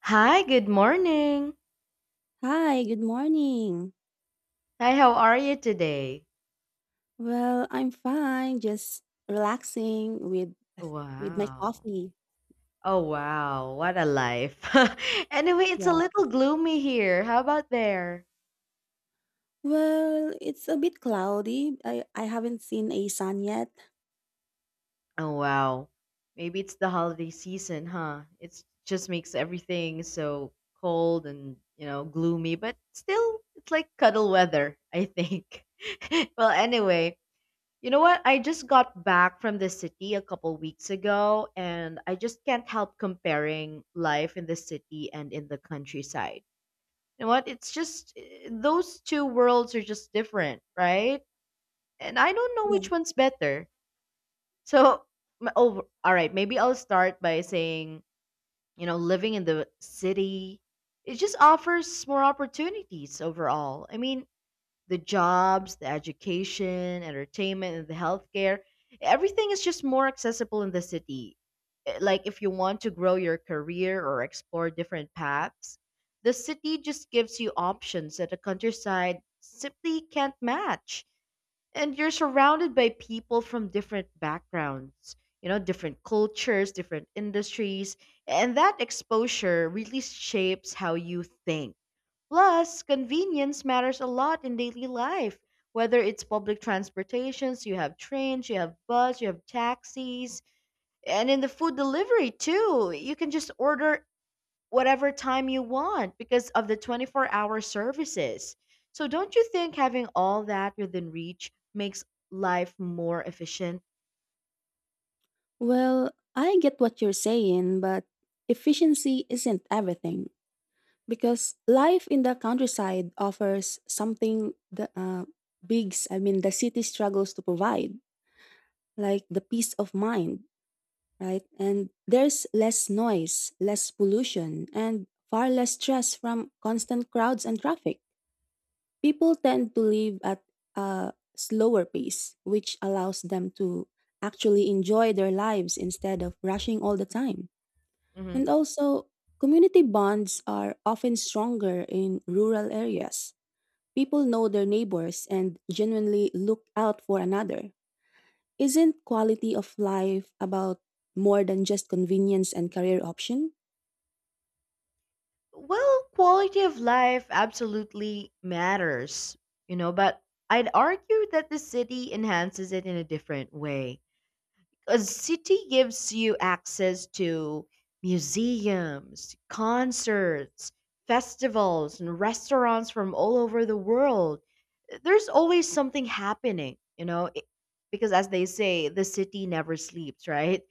Hi, good morning. Hi, good morning. Hi, how are you today? Well, I'm fine, just relaxing with my Wow. coffee. Oh, wow. What a life. Anyway, it's a Yeah. little gloomy here. How about there? Well, it's a bit cloudy. I haven't seen a sun yet. Oh, wow. Maybe it's the holiday season, huh? It just makes everything so cold and, you know, gloomy, but still, it's like cuddle weather, I think. Well, anyway, you know what? I just got back from the city a couple weeks ago, and I just can't help comparing life in the city and in the countryside. You know what? It's just those two worlds are just different, right? And I don't know Yeah. which one's better. So, all right, maybe I'll start by saying, you know, living in the city, it just offers more opportunities overall. I mean, the jobs, the education, entertainment, and the healthcare. Everything is just more accessible in the city. Like if you want to grow your career or explore different paths, the city just gives you options that the countryside simply can't match. And you're surrounded by people from different backgrounds, you know, different cultures, different industries, and that exposure really shapes how you think. Plus, convenience matters a lot in daily life. Whether it's public transportations, you have trains, you have bus, you have taxis, and in the food delivery too. You can just order whatever time you want because of the 24-hour services. So don't you think having all that within reach makes life more efficient? Well, I get what you're saying, but efficiency isn't everything because life in the countryside offers something the the city struggles to provide, like the peace of mind right? And there's less noise, less pollution, and far less stress from constant crowds and traffic. People tend to live at a slower pace, which allows them to actually enjoy their lives instead of rushing all the time. Hmm. And also, community bonds are often stronger in rural areas. People know their neighbors and genuinely look out for another isn't quality of life about more than just convenience and career option? Well, quality of life absolutely matters, you know, but I'd argue that the city enhances it in a different way. A city gives you access to museums, concerts, festivals, and restaurants from all over the world. There's always something happening, you know, because as they say, the city never sleeps, right?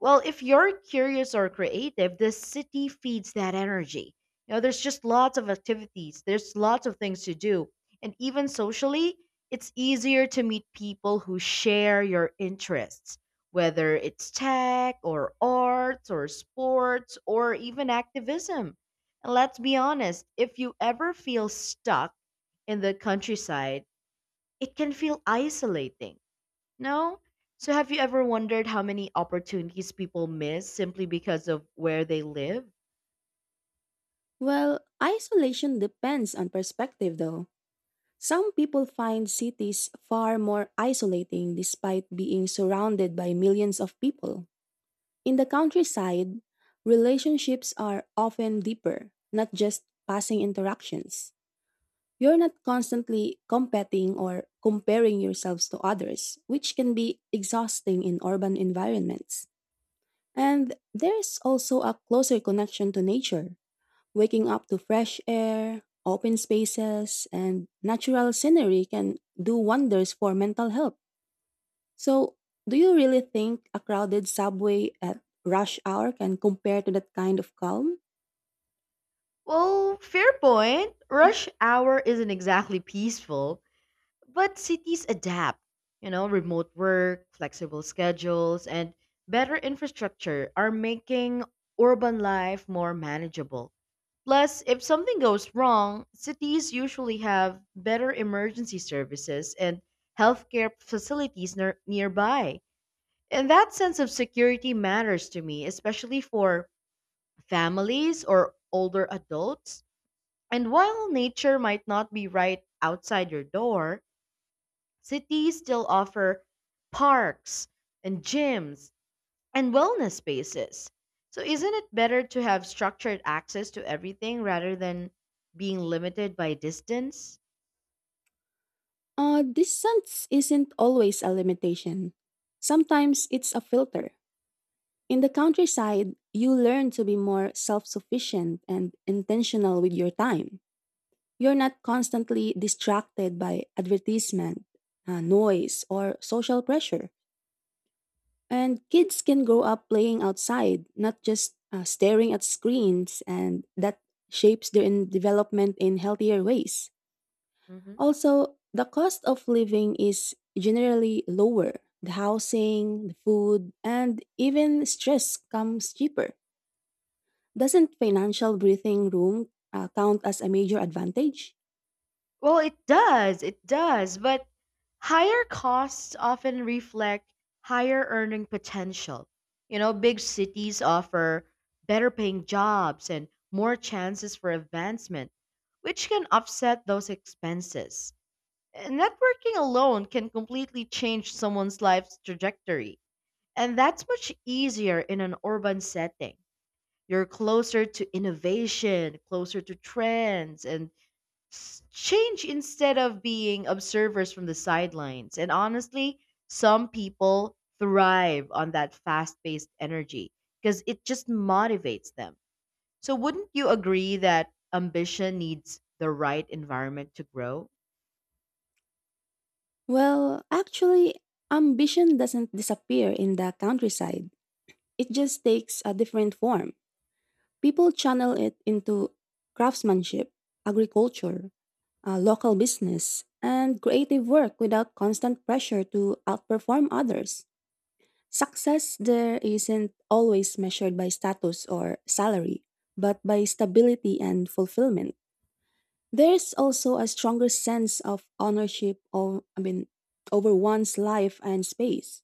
Well, if you're curious or creative, the city feeds that energy. You know, there's just lots of activities, there's lots of things to do. And even socially, it's easier to meet people who share your interests, whether it's tech or arts or sports or even activism. And let's be honest, if you ever feel stuck in the countryside, it can feel isolating, no? So have you ever wondered how many opportunities people miss simply because of where they live? Well, isolation depends on perspective though. Some people find cities far more isolating despite being surrounded by millions of people. In the countryside, relationships are often deeper, not just passing interactions. You're not constantly competing or comparing yourselves to others, which can be exhausting in urban environments. And there's also a closer connection to nature, waking up to fresh air, open spaces, and natural scenery can do wonders for mental health. So, do you really think a crowded subway at rush hour can compare to that kind of calm? Well, fair point. Rush hour isn't exactly peaceful, but cities adapt. You know, remote work, flexible schedules, and better infrastructure are making urban life more manageable. Plus, if something goes wrong, cities usually have better emergency services and healthcare facilities nearby. And that sense of security matters to me, especially for families or older adults. And while nature might not be right outside your door, cities still offer parks and gyms and wellness spaces. So, isn't it better to have structured access to everything rather than being limited by distance? Distance isn't always a limitation. Sometimes it's a filter. In the countryside, you learn to be more self sufficient and intentional with your time. You're not constantly distracted by advertisement, noise, or social pressure. And kids can grow up playing outside, not just staring at screens, and that shapes their development in healthier ways. Mhm. Also, the cost of living is generally lower. The housing, the food, and even stress comes cheaper. Doesn't financial breathing room count as a major advantage? Well, it does. It does. But higher costs often reflect higher earning potential. You know, big cities offer better paying jobs and more chances for advancement, which can offset those expenses. And networking alone can completely change someone's life's trajectory. And that's much easier in an urban setting. You're closer to innovation, closer to trends, and change instead of being observers from the sidelines. And honestly, some people thrive on that fast paced energy because it just motivates them. So, wouldn't you agree that ambition needs the right environment to grow? Well, actually, ambition doesn't disappear in the countryside. It just takes a different form. People channel it into craftsmanship, agriculture, local business, and creative work without constant pressure to outperform others. Success there isn't always measured by status or salary, but by stability and fulfillment. There's also a stronger sense of ownership over one's life and space.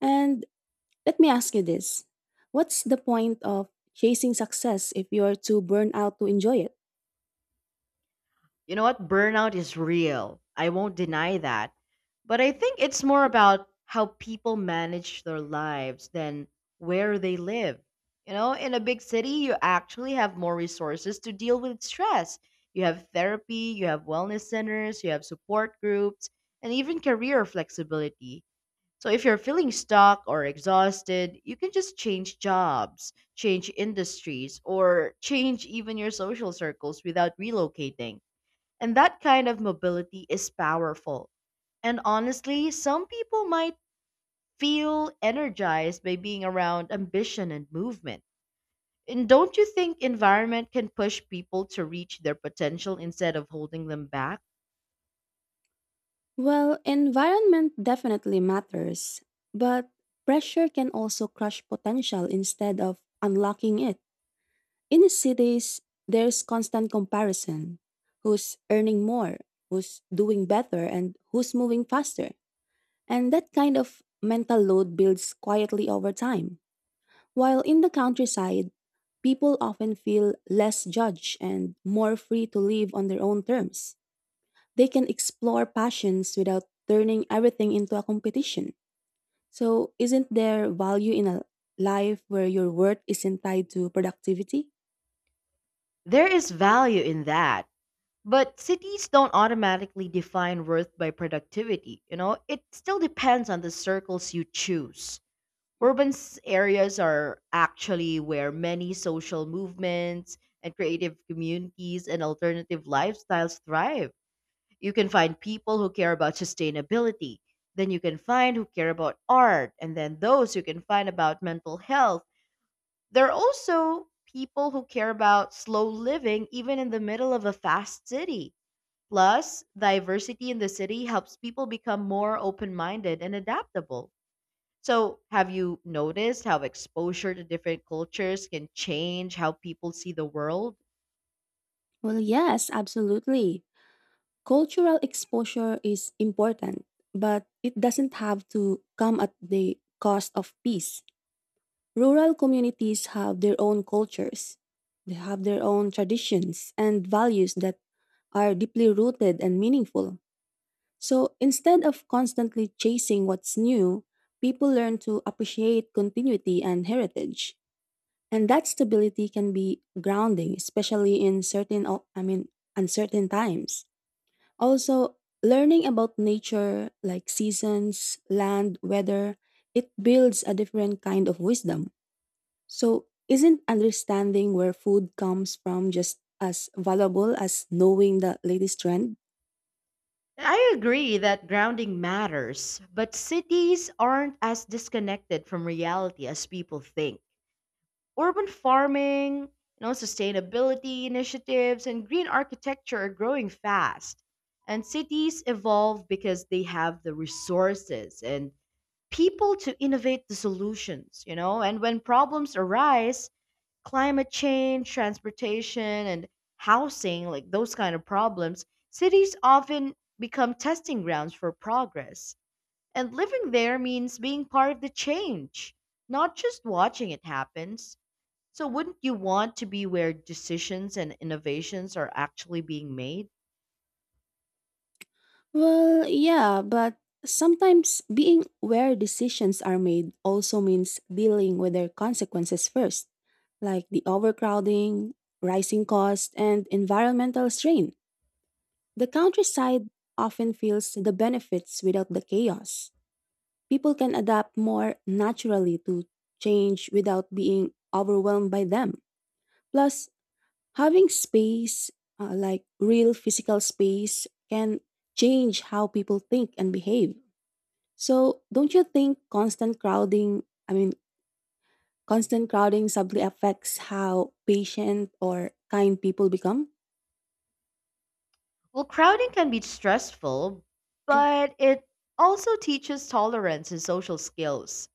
And let me ask you this. What's the point of chasing success if you're too burned out to enjoy it? You know what? Burnout is real. I won't deny that. But I think it's more about how people manage their lives than where they live. You know, in a big city, you actually have more resources to deal with stress. You have therapy, you have wellness centers, you have support groups, and even career flexibility. So if you're feeling stuck or exhausted, you can just change jobs, change industries, or change even your social circles without relocating, and that kind of mobility is powerful. And honestly, some people might feel energized by being around ambition and movement. And don't you think environment can push people to reach their potential instead of holding them back? Well, environment definitely matters, but pressure can also crush potential instead of unlocking it. In the cities, there's constant comparison who's earning more, who's doing better, and who's moving faster. And that kind of mental load builds quietly over time. While in the countryside, people often feel less judged and more free to live on their own terms. They can explore passions without turning everything into a competition. So, isn't there value in a life where your worth isn't tied to productivity? There is value in that. But cities don't automatically define worth by productivity, you know? It still depends on the circles you choose. Urban areas are actually where many social movements and creative communities and alternative lifestyles thrive. You can find people who care about sustainability, then you can find who care about art, and then those you can find about mental health. There are also people who care about slow living even in the middle of a fast city. Plus, diversity in the city helps people become more open minded and adaptable. So, have you noticed how exposure to different cultures can change how people see the world? Well, yes, absolutely. Cultural exposure is important, but it doesn't have to come at the cost of peace. Rural communities have their own cultures. They have their own traditions and values that are deeply rooted and meaningful. So instead of constantly chasing what's new, people learn to appreciate continuity and heritage. And that stability can be grounding, especially in certain, o- I mean, uncertain times. Also, learning about nature, like seasons, land, weather, it builds a different kind of wisdom. So, isn't understanding where food comes from just as valuable as knowing the latest trend? I agree that grounding matters, but cities aren't as disconnected from reality as people think. Urban farming, you know, sustainability initiatives and green architecture are growing fast. And cities evolve because they have the resources and people to innovate the solutions, you know? And when problems arise, climate change, transportation, and housing, like those kind of problems, cities often become testing grounds for progress. And living there means being part of the change, not just watching it happen. So wouldn't you want to be where decisions and innovations are actually being made? Well, yeah, but sometimes being where decisions are made also means dealing with their consequences first, like the overcrowding, rising costs, and environmental strain. The countryside often feels the benefits without the chaos. People can adapt more naturally to change without being overwhelmed by them. Plus, having space, like real physical space, can change how people think and behave. So, don't you think I mean, constant crowding subtly affects how patient or kind people become? Well, crowding can be stressful, but it also teaches tolerance and social skills.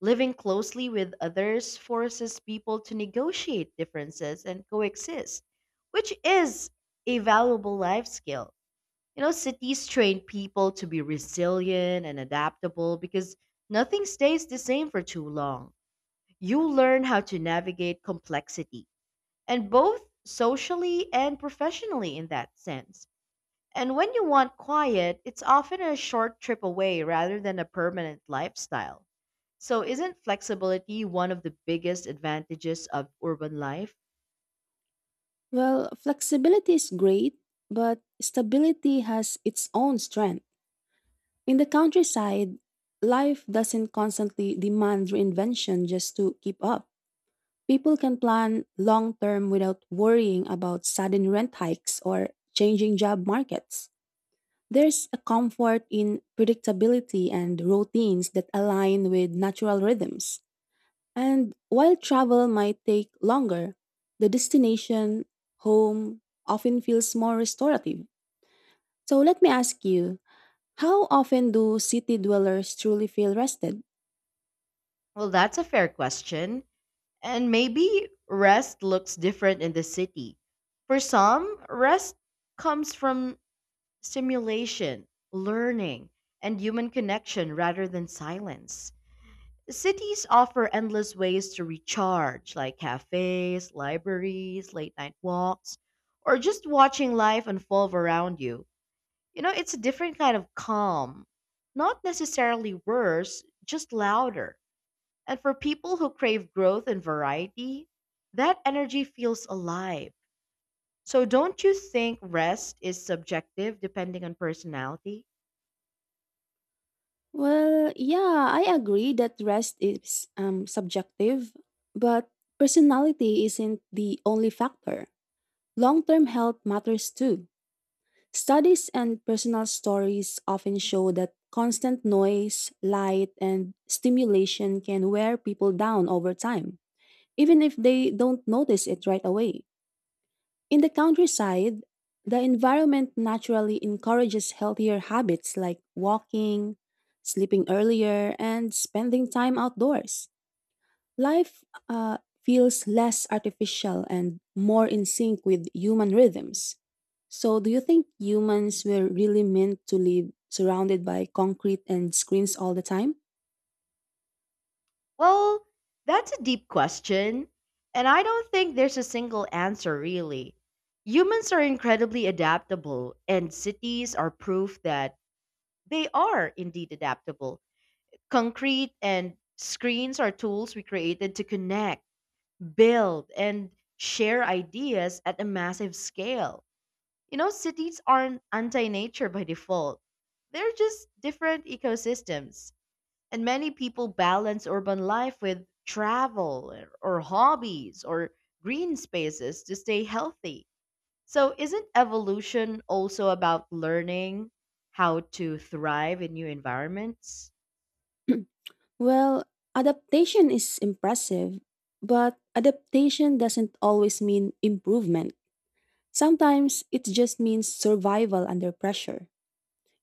Living closely with others forces people to negotiate differences and coexist, which is a valuable life skill. You know, cities train people to be resilient and adaptable because nothing stays the same for too long. You learn how to navigate complexity, and both socially and professionally in that sense. And when you want quiet, it's often a short trip away rather than a permanent lifestyle. So, isn't flexibility one of the biggest advantages of urban life? Well, flexibility is great, but stability has its own strength. In the countryside, life doesn't constantly demand reinvention just to keep up. People can plan long term without worrying about sudden rent hikes or changing job markets. There's a comfort in predictability and routines that align with natural rhythms. And while travel might take longer, the destination, home, often feels more restorative. So let me ask you how often do city dwellers truly feel rested? Well, that's a fair question. And maybe rest looks different in the city. For some, rest comes from stimulation, learning, and human connection rather than silence. Cities offer endless ways to recharge, like cafes, libraries, late night walks, or just watching life unfold around you. You know, it's a different kind of calm. Not necessarily worse, just louder. And for people who crave growth and variety, that energy feels alive. So don't you think rest is subjective depending on personality? Well, yeah, I agree that rest is subjective, but personality isn't the only factor. Long term health matters too. Studies and personal stories often show that constant noise, light, and stimulation can wear people down over time, even if they don't notice it right away. In the countryside, the environment naturally encourages healthier habits like walking, sleeping earlier, and spending time outdoors. Life feels less artificial and more in sync with human rhythms. So, do you think humans were really meant to live surrounded by concrete and screens all the time? Well, that's a deep question, and I don't think there's a single answer really. Humans are incredibly adaptable, and cities are proof that they are indeed adaptable. Concrete and screens are tools we created to connect, build, and share ideas at a massive scale. You know, cities aren't anti nature by default, they're just different ecosystems. And many people balance urban life with travel or hobbies or green spaces to stay healthy. So, isn't evolution also about learning how to thrive in new environments? Well, adaptation is impressive, but adaptation doesn't always mean improvement. Sometimes it just means survival under pressure.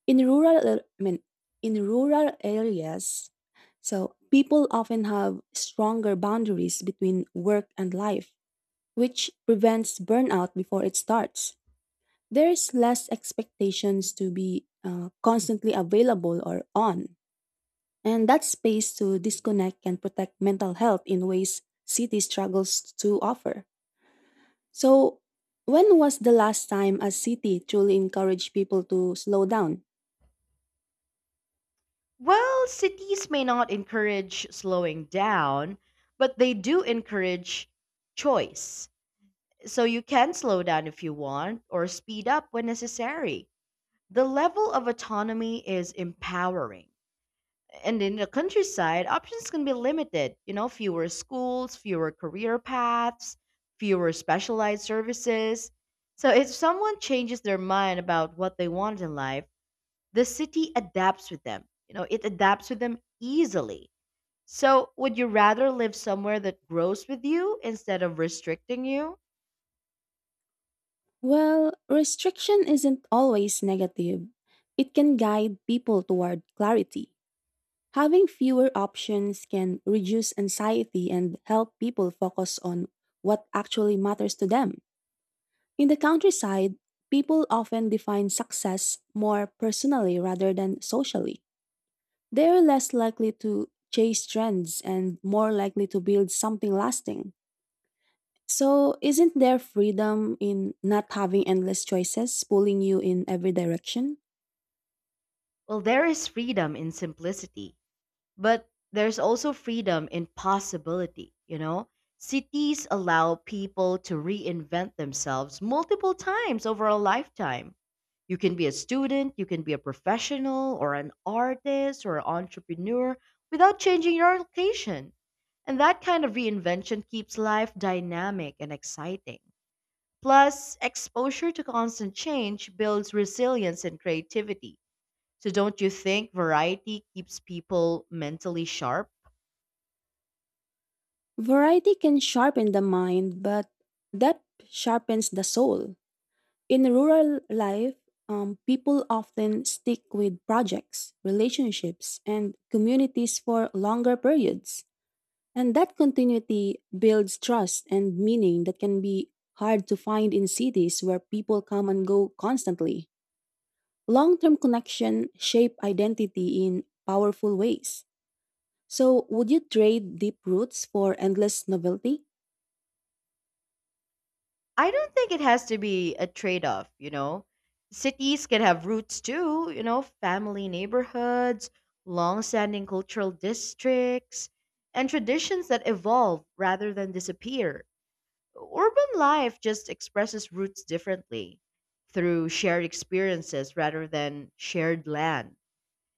In rural, ar- I mean, In rural areas, so people often have stronger boundaries between work and life, which prevents burnout before it starts. There's less expectations to be constantly available or on, and that space to disconnect can protect mental health in ways city struggles to offer. So, when was the last time a city truly encouraged people to slow down? Well, cities may not encourage slowing down, but they do encourage choice. So, you can slow down if you want or speed up when necessary. The level of autonomy is empowering, and in the countryside, options can be limited. You know, fewer schools, fewer career paths, fewer specialized services. So if someone changes their mind about what they want in life, the city adapts with them. You know, it adapts with them easily. So would you rather live somewhere that grows with you instead of restricting you? Well, restriction isn't always negative. It can guide people toward clarity. Having fewer options can reduce anxiety and help people focus on what actually matters to them. In the countryside, people often define success more personally rather than socially. They're less likely to chase trends and more likely to build something lasting. So, isn't there freedom in not having endless choices pulling you in every direction? Well, there is freedom in simplicity. But there's also freedom in possibility, you know? Cities allow people to reinvent themselves multiple times over a lifetime. You can be a student, you can be a professional, or an artist, or an entrepreneur without changing your location. And that kind of reinvention keeps life dynamic and exciting. Plus, exposure to constant change builds resilience and creativity. So, don't you think variety keeps people mentally sharp? Variety can sharpen the mind, but depth sharpens the soul. In rural life, people often stick with projects, relationships, and communities for longer periods. And that continuity builds trust and meaning that can be hard to find in cities where people come and go constantly. Long term connection shape identity in powerful ways. So, would you trade deep roots for endless novelty? I don't think it has to be a trade off, you know. Cities can have roots too, you know, family neighborhoods, long standing cultural districts, and traditions that evolve rather than disappear. Urban life just expresses roots differently through shared experiences rather than shared land.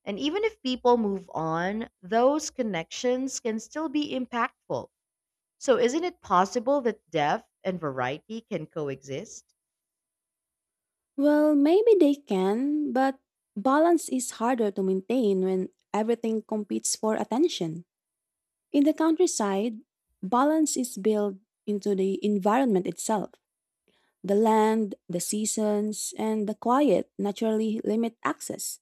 And even if people move on, those connections can still be impactful. So, isn't it possible that depth and variety can coexist? Well, maybe they can, but balance is harder to maintain when everything competes for attention. In the countryside, balance is built into the environment itself. The land, the seasons, and the quiet naturally limit access.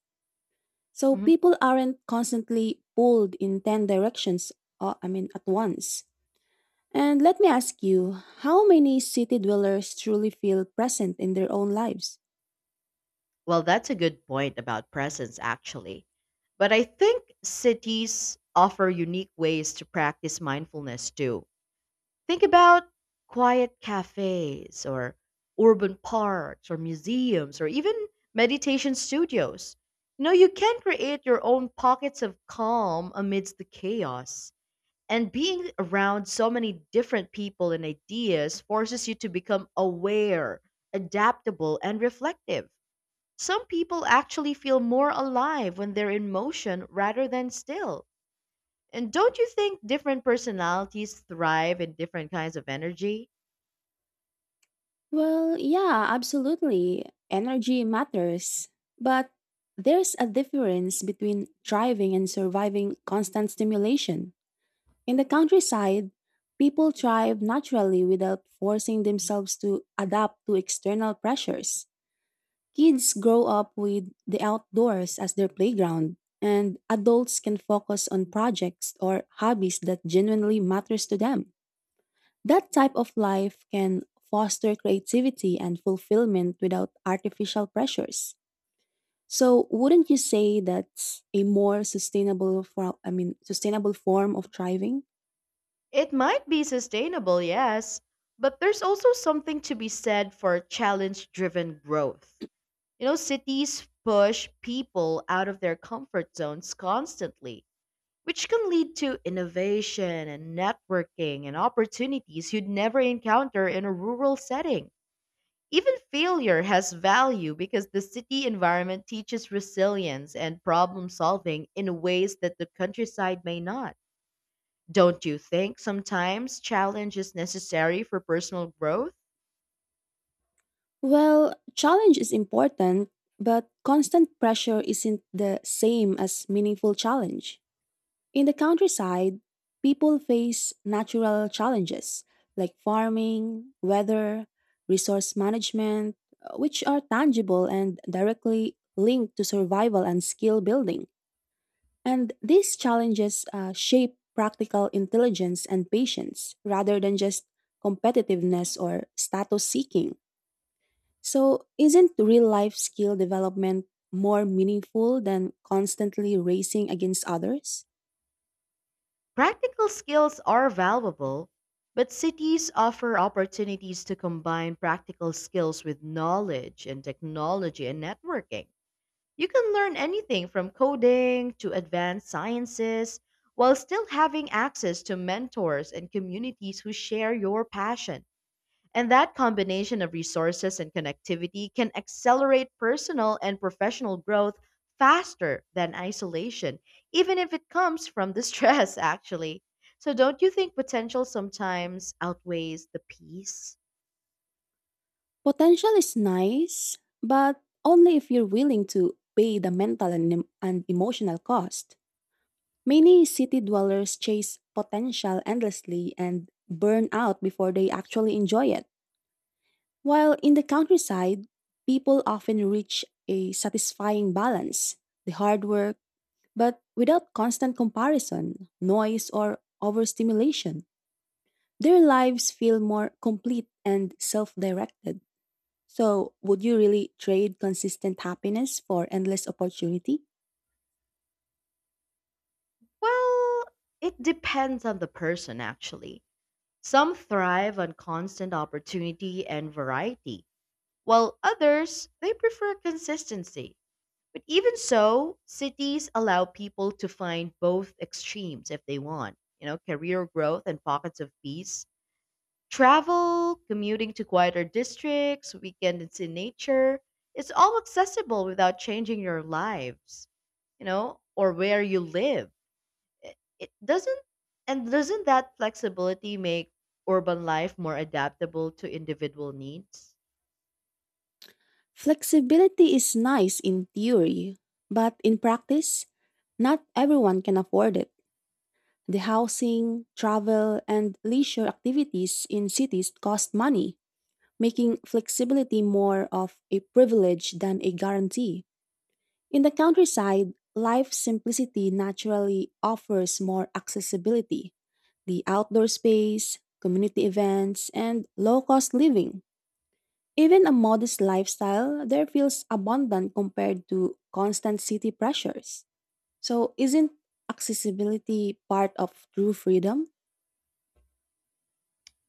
So Mhm. people aren't constantly pulled in 10 directions, at once. And let me ask you, how many city dwellers truly feel present in their own lives? Well, that's a good point about presence, actually. But I think cities offer unique ways to practice mindfulness too. Think about quiet cafes or urban parks or museums or even meditation studios. You know, you can create your own pockets of calm amidst the chaos. And being around so many different people and ideas forces you to become aware, adaptable, and reflective. Some people actually feel more alive when they're in motion rather than still. And don't you think different personalities thrive in different kinds of energy? Well, yeah, absolutely. Energy matters. But there's a difference between thriving and surviving constant stimulation. In the countryside, people thrive naturally without forcing themselves to adapt to external pressures. Kids grow up with the outdoors as their playground, and adults can focus on projects or hobbies that genuinely matters to them. That type of life can foster creativity and fulfillment without artificial pressures. So, wouldn't you say that's a more sustainable form of thriving? It might be sustainable, yes, but there's also something to be said for challenge driven growth. You know, cities push people out of their comfort zones constantly, which can lead to innovation and networking and opportunities you'd never encounter in a rural setting. Even failure has value because the city environment teaches resilience and problem solving in ways that the countryside may not. Don't you think sometimes challenge is necessary for personal growth? Well, challenge is important, but constant pressure isn't the same as meaningful challenge. In the countryside, people face natural challenges like farming, weather, resource management, which are tangible and directly linked to survival and skill building. And these challenges shape practical intelligence and patience rather than just competitiveness or status seeking. So, isn't real life skill development more meaningful than constantly racing against others? Practical skills are valuable, but cities offer opportunities to combine practical skills with knowledge and technology and networking. You can learn anything from coding to advanced sciences while still having access to mentors and communities who share your passion. And that combination of resources and connectivity can accelerate personal and professional growth faster than isolation, even if it comes from the stress, actually. So, don't you think potential sometimes outweighs the peace? Potential is nice, but only if you're willing to pay the mental and emotional cost. Many city dwellers chase potential endlessly and burn out before they actually enjoy it. While in the countryside, people often reach a satisfying balance, the hard work, but without constant comparison, noise, or overstimulation. Their lives feel more complete and self directed. So, would you really trade consistent happiness for endless opportunity? Well, it depends on the person, actually. Some thrive on constant opportunity and variety, while others they prefer consistency. But even so, cities allow people to find both extremes if they want, you know, career growth and pockets of peace. Travel, commuting to quieter districts, weekends in nature, it's all accessible without changing your lives, you know, or where you live. It doesn't and Doesn't that flexibility make urban life more adaptable to individual needs? Flexibility is nice in theory, but in practice, not everyone can afford it. The housing, travel, and leisure activities in cities cost money, making flexibility more of a privilege than a guarantee. In the countryside, life's simplicity naturally offers more accessibility, the outdoor space, community events, and low cost living. Even a modest lifestyle there feels abundant compared to constant city pressures. So, isn't accessibility part of true freedom?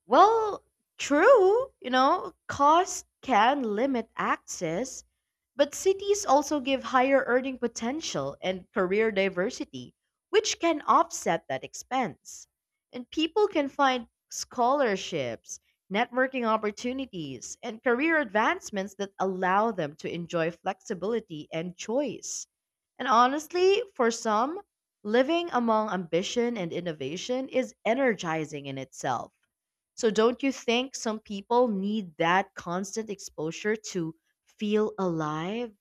Well, true, you know, cost can limit access, but cities also give higher earning potential and career diversity, which can offset that expense. And people can find scholarships, networking opportunities, and career advancements that allow them to enjoy flexibility and choice. And honestly, for some, living among ambition and innovation is energizing in itself, so don't you think some people need that constant exposure to feel alive?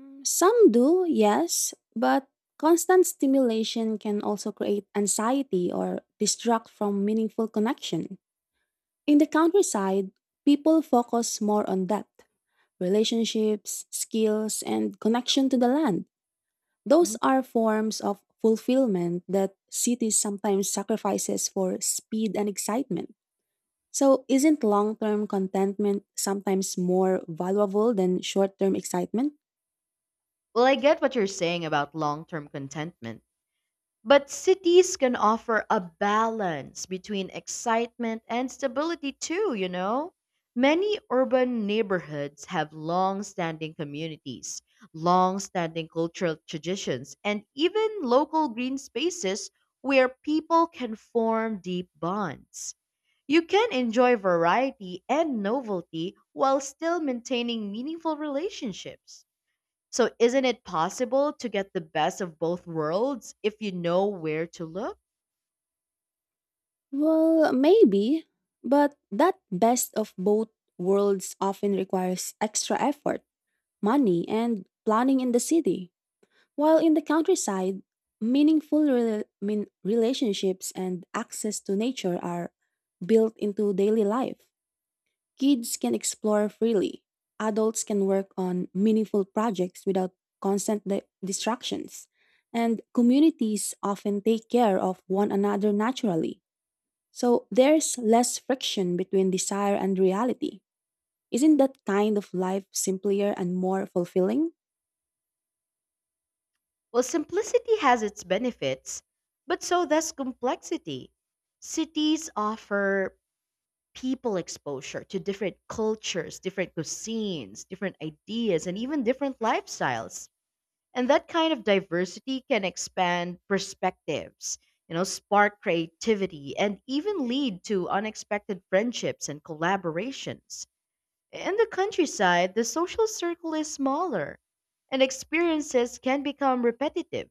Mm, some do, yes, but constant stimulation can also create anxiety or distract from meaningful connection. In the countryside, people focus more on depth, relationships, skills, and connection to the land. Those Mhm. are forms of fulfillment that cities sometimes sacrifices for speed and excitement. So, isn't long term contentment sometimes more valuable than short term excitement? Well, I get what you're saying about long term contentment. But cities can offer a balance between excitement and stability too, you know? Many urban neighborhoods have long standing communities, long standing cultural traditions, and even local green spaces where people can form deep bonds. You can enjoy variety and novelty while still maintaining meaningful relationships. So, isn't it possible to get the best of both worlds if you know where to look? Well, maybe, but that best of both worlds often requires extra effort, money, and planning in the city. While in the countryside, relationships and access to nature are built into daily life. Kids can explore freely. Adults can work on meaningful projects without constant distractions. And communities often take care of one another naturally so there's less friction between desire and reality. Isn't that kind of life simpler and more fulfilling? Well, simplicity has its benefits, but so does complexity. Cities offer people exposure to different cultures, different cuisines, different ideas, and even different lifestyles. And that kind of diversity can expand perspectives, you know, spark creativity, and even lead to unexpected friendships and collaborations. In the countryside, the social circle is smaller and experiences can become repetitive.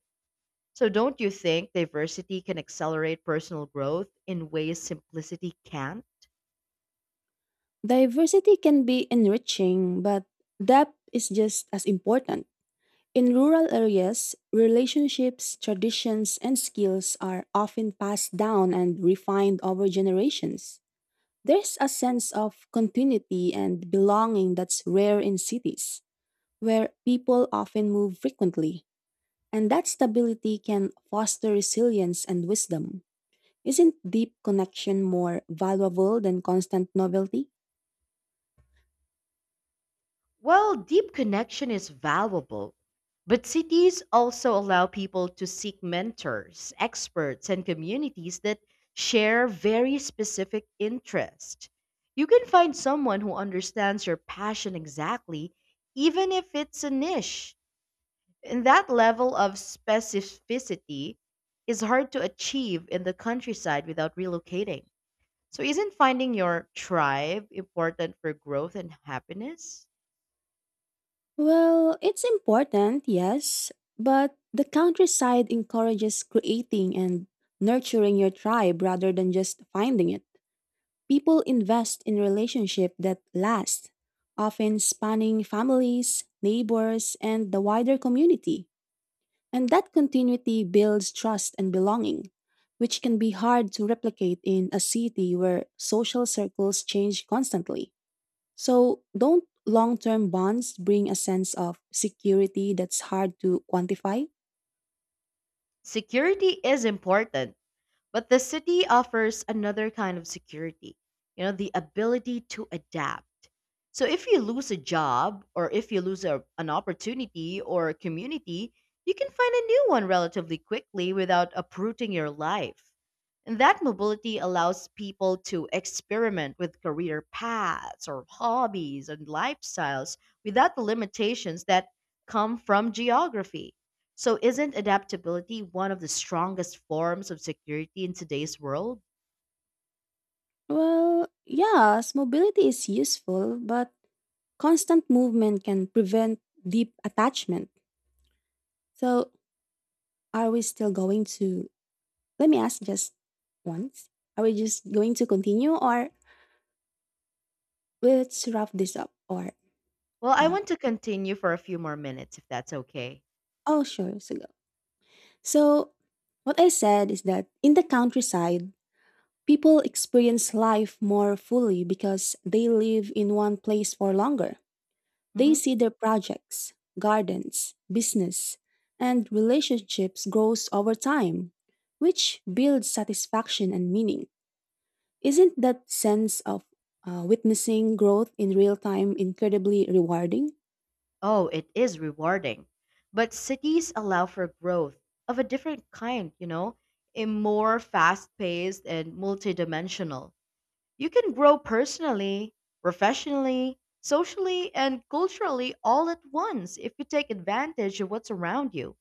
So, don't you think diversity can accelerate personal growth in ways simplicity can't? Diversity can be enriching, but depth is just as important. In rural areas, relationships, traditions, and skills are often passed down and refined over generations. There's a sense of continuity and belonging that's rare in cities, where people often move frequently. And that stability can foster resilience and wisdom. Isn't deep connection more valuable than constant novelty? Well, deep connection is valuable, but cities also allow people to seek mentors, experts, and communities that share very specific interests. You can find someone who understands your passion exactly, even if it's a niche. And that level of specificity is hard to achieve in the countryside without relocating. So, isn't finding your tribe important for growth and happiness? Well, it's important, yes, but the countryside encourages creating and nurturing your tribe rather than just finding it. People invest in relationships that last, often spanning families, neighbors, and the wider community. And that continuity builds trust and belonging, which can be hard to replicate in a city where social circles change constantly. So, don't long term bonds bring a sense of security that's hard to quantify? Security is important, but the city offers another kind of security, you know, the ability to adapt. So if you lose a job or if you lose a, an opportunity or a community, you can find a new one relatively quickly without uprooting your life. And that mobility allows people to experiment with career paths or hobbies and lifestyles without the limitations that come from geography. So, isn't adaptability one of the strongest forms of security in today's world? Well, yes, mobility is useful, but constant movement can prevent deep attachment. So, are we still going to? Let me ask just once. Are we just going to continue, or let's wrap this up, or Well, I Yeah. want to continue for a few more minutes if that's okay. Oh, sure. So what I said is that in the countryside, people experience life more fully because they live in one place for longer. They Hmm. see their projects, gardens, business, and relationships grows over time, which builds satisfaction and meaning. Isn't that sense of witnessing growth in real time incredibly rewarding? Oh, it is rewarding. But cities allow for growth of a different kind, you know, a more fast paced and multidimensional. You can grow personally, professionally, socially, and culturally all at once if you take advantage of what's around you.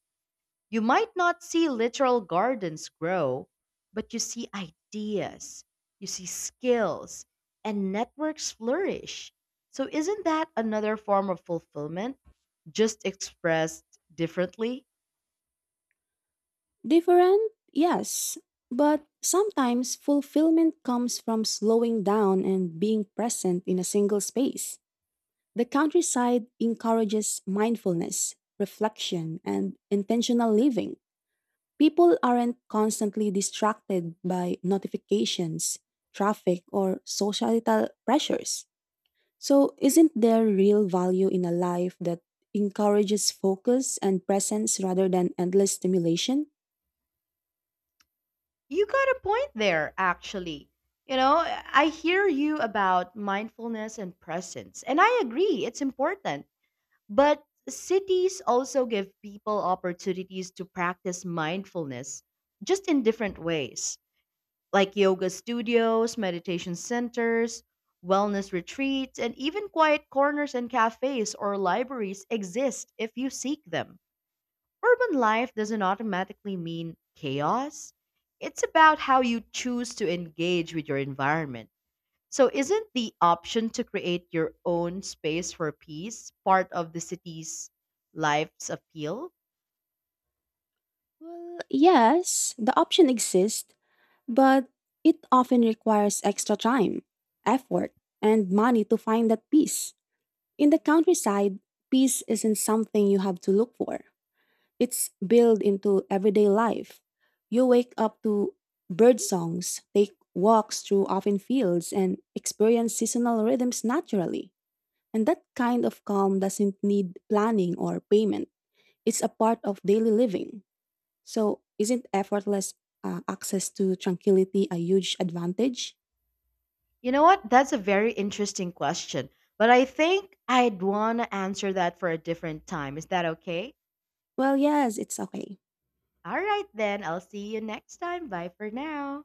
You might not see literal gardens grow, but you see ideas, you see skills, and networks flourish. So, isn't that another form of fulfillment, just expressed differently? Different, yes, but sometimes fulfillment comes from slowing down and being present in a single space. The countryside encourages mindfulness, reflection, and intentional living. People aren't constantly distracted by notifications, traffic, or societal pressures. So, isn't there real value in a life that encourages focus and presence rather than endless stimulation? You got a point there, actually. You know, I hear you about mindfulness and presence, and I agree, it's important. But cities also give people opportunities to practice mindfulness, just in different ways, like yoga studios, meditation centers, wellness retreats, and even quiet corners and cafes or libraries exist if you seek them. Urban life doesn't automatically mean chaos, it's about how you choose to engage with your environment. So, isn't the option to create your own space for peace part of the city's life's appeal? Well, yes, the option exists, but it often requires extra time, effort, and money to find that peace. In the countryside, peace isn't something you have to look for, it's built into everyday life. You wake up to bird songs, take walks through open fields, and experience seasonal rhythms naturally. And that kind of calm doesn't need planning or payment, it's a part of daily living. So, isn't effortless access to tranquility a huge advantage? You know what? That's a very interesting question, but I think I'd want to answer that for a different time. Is that okay? Well, yes, it's okay. All right, then. I'll see you next time. Bye for now.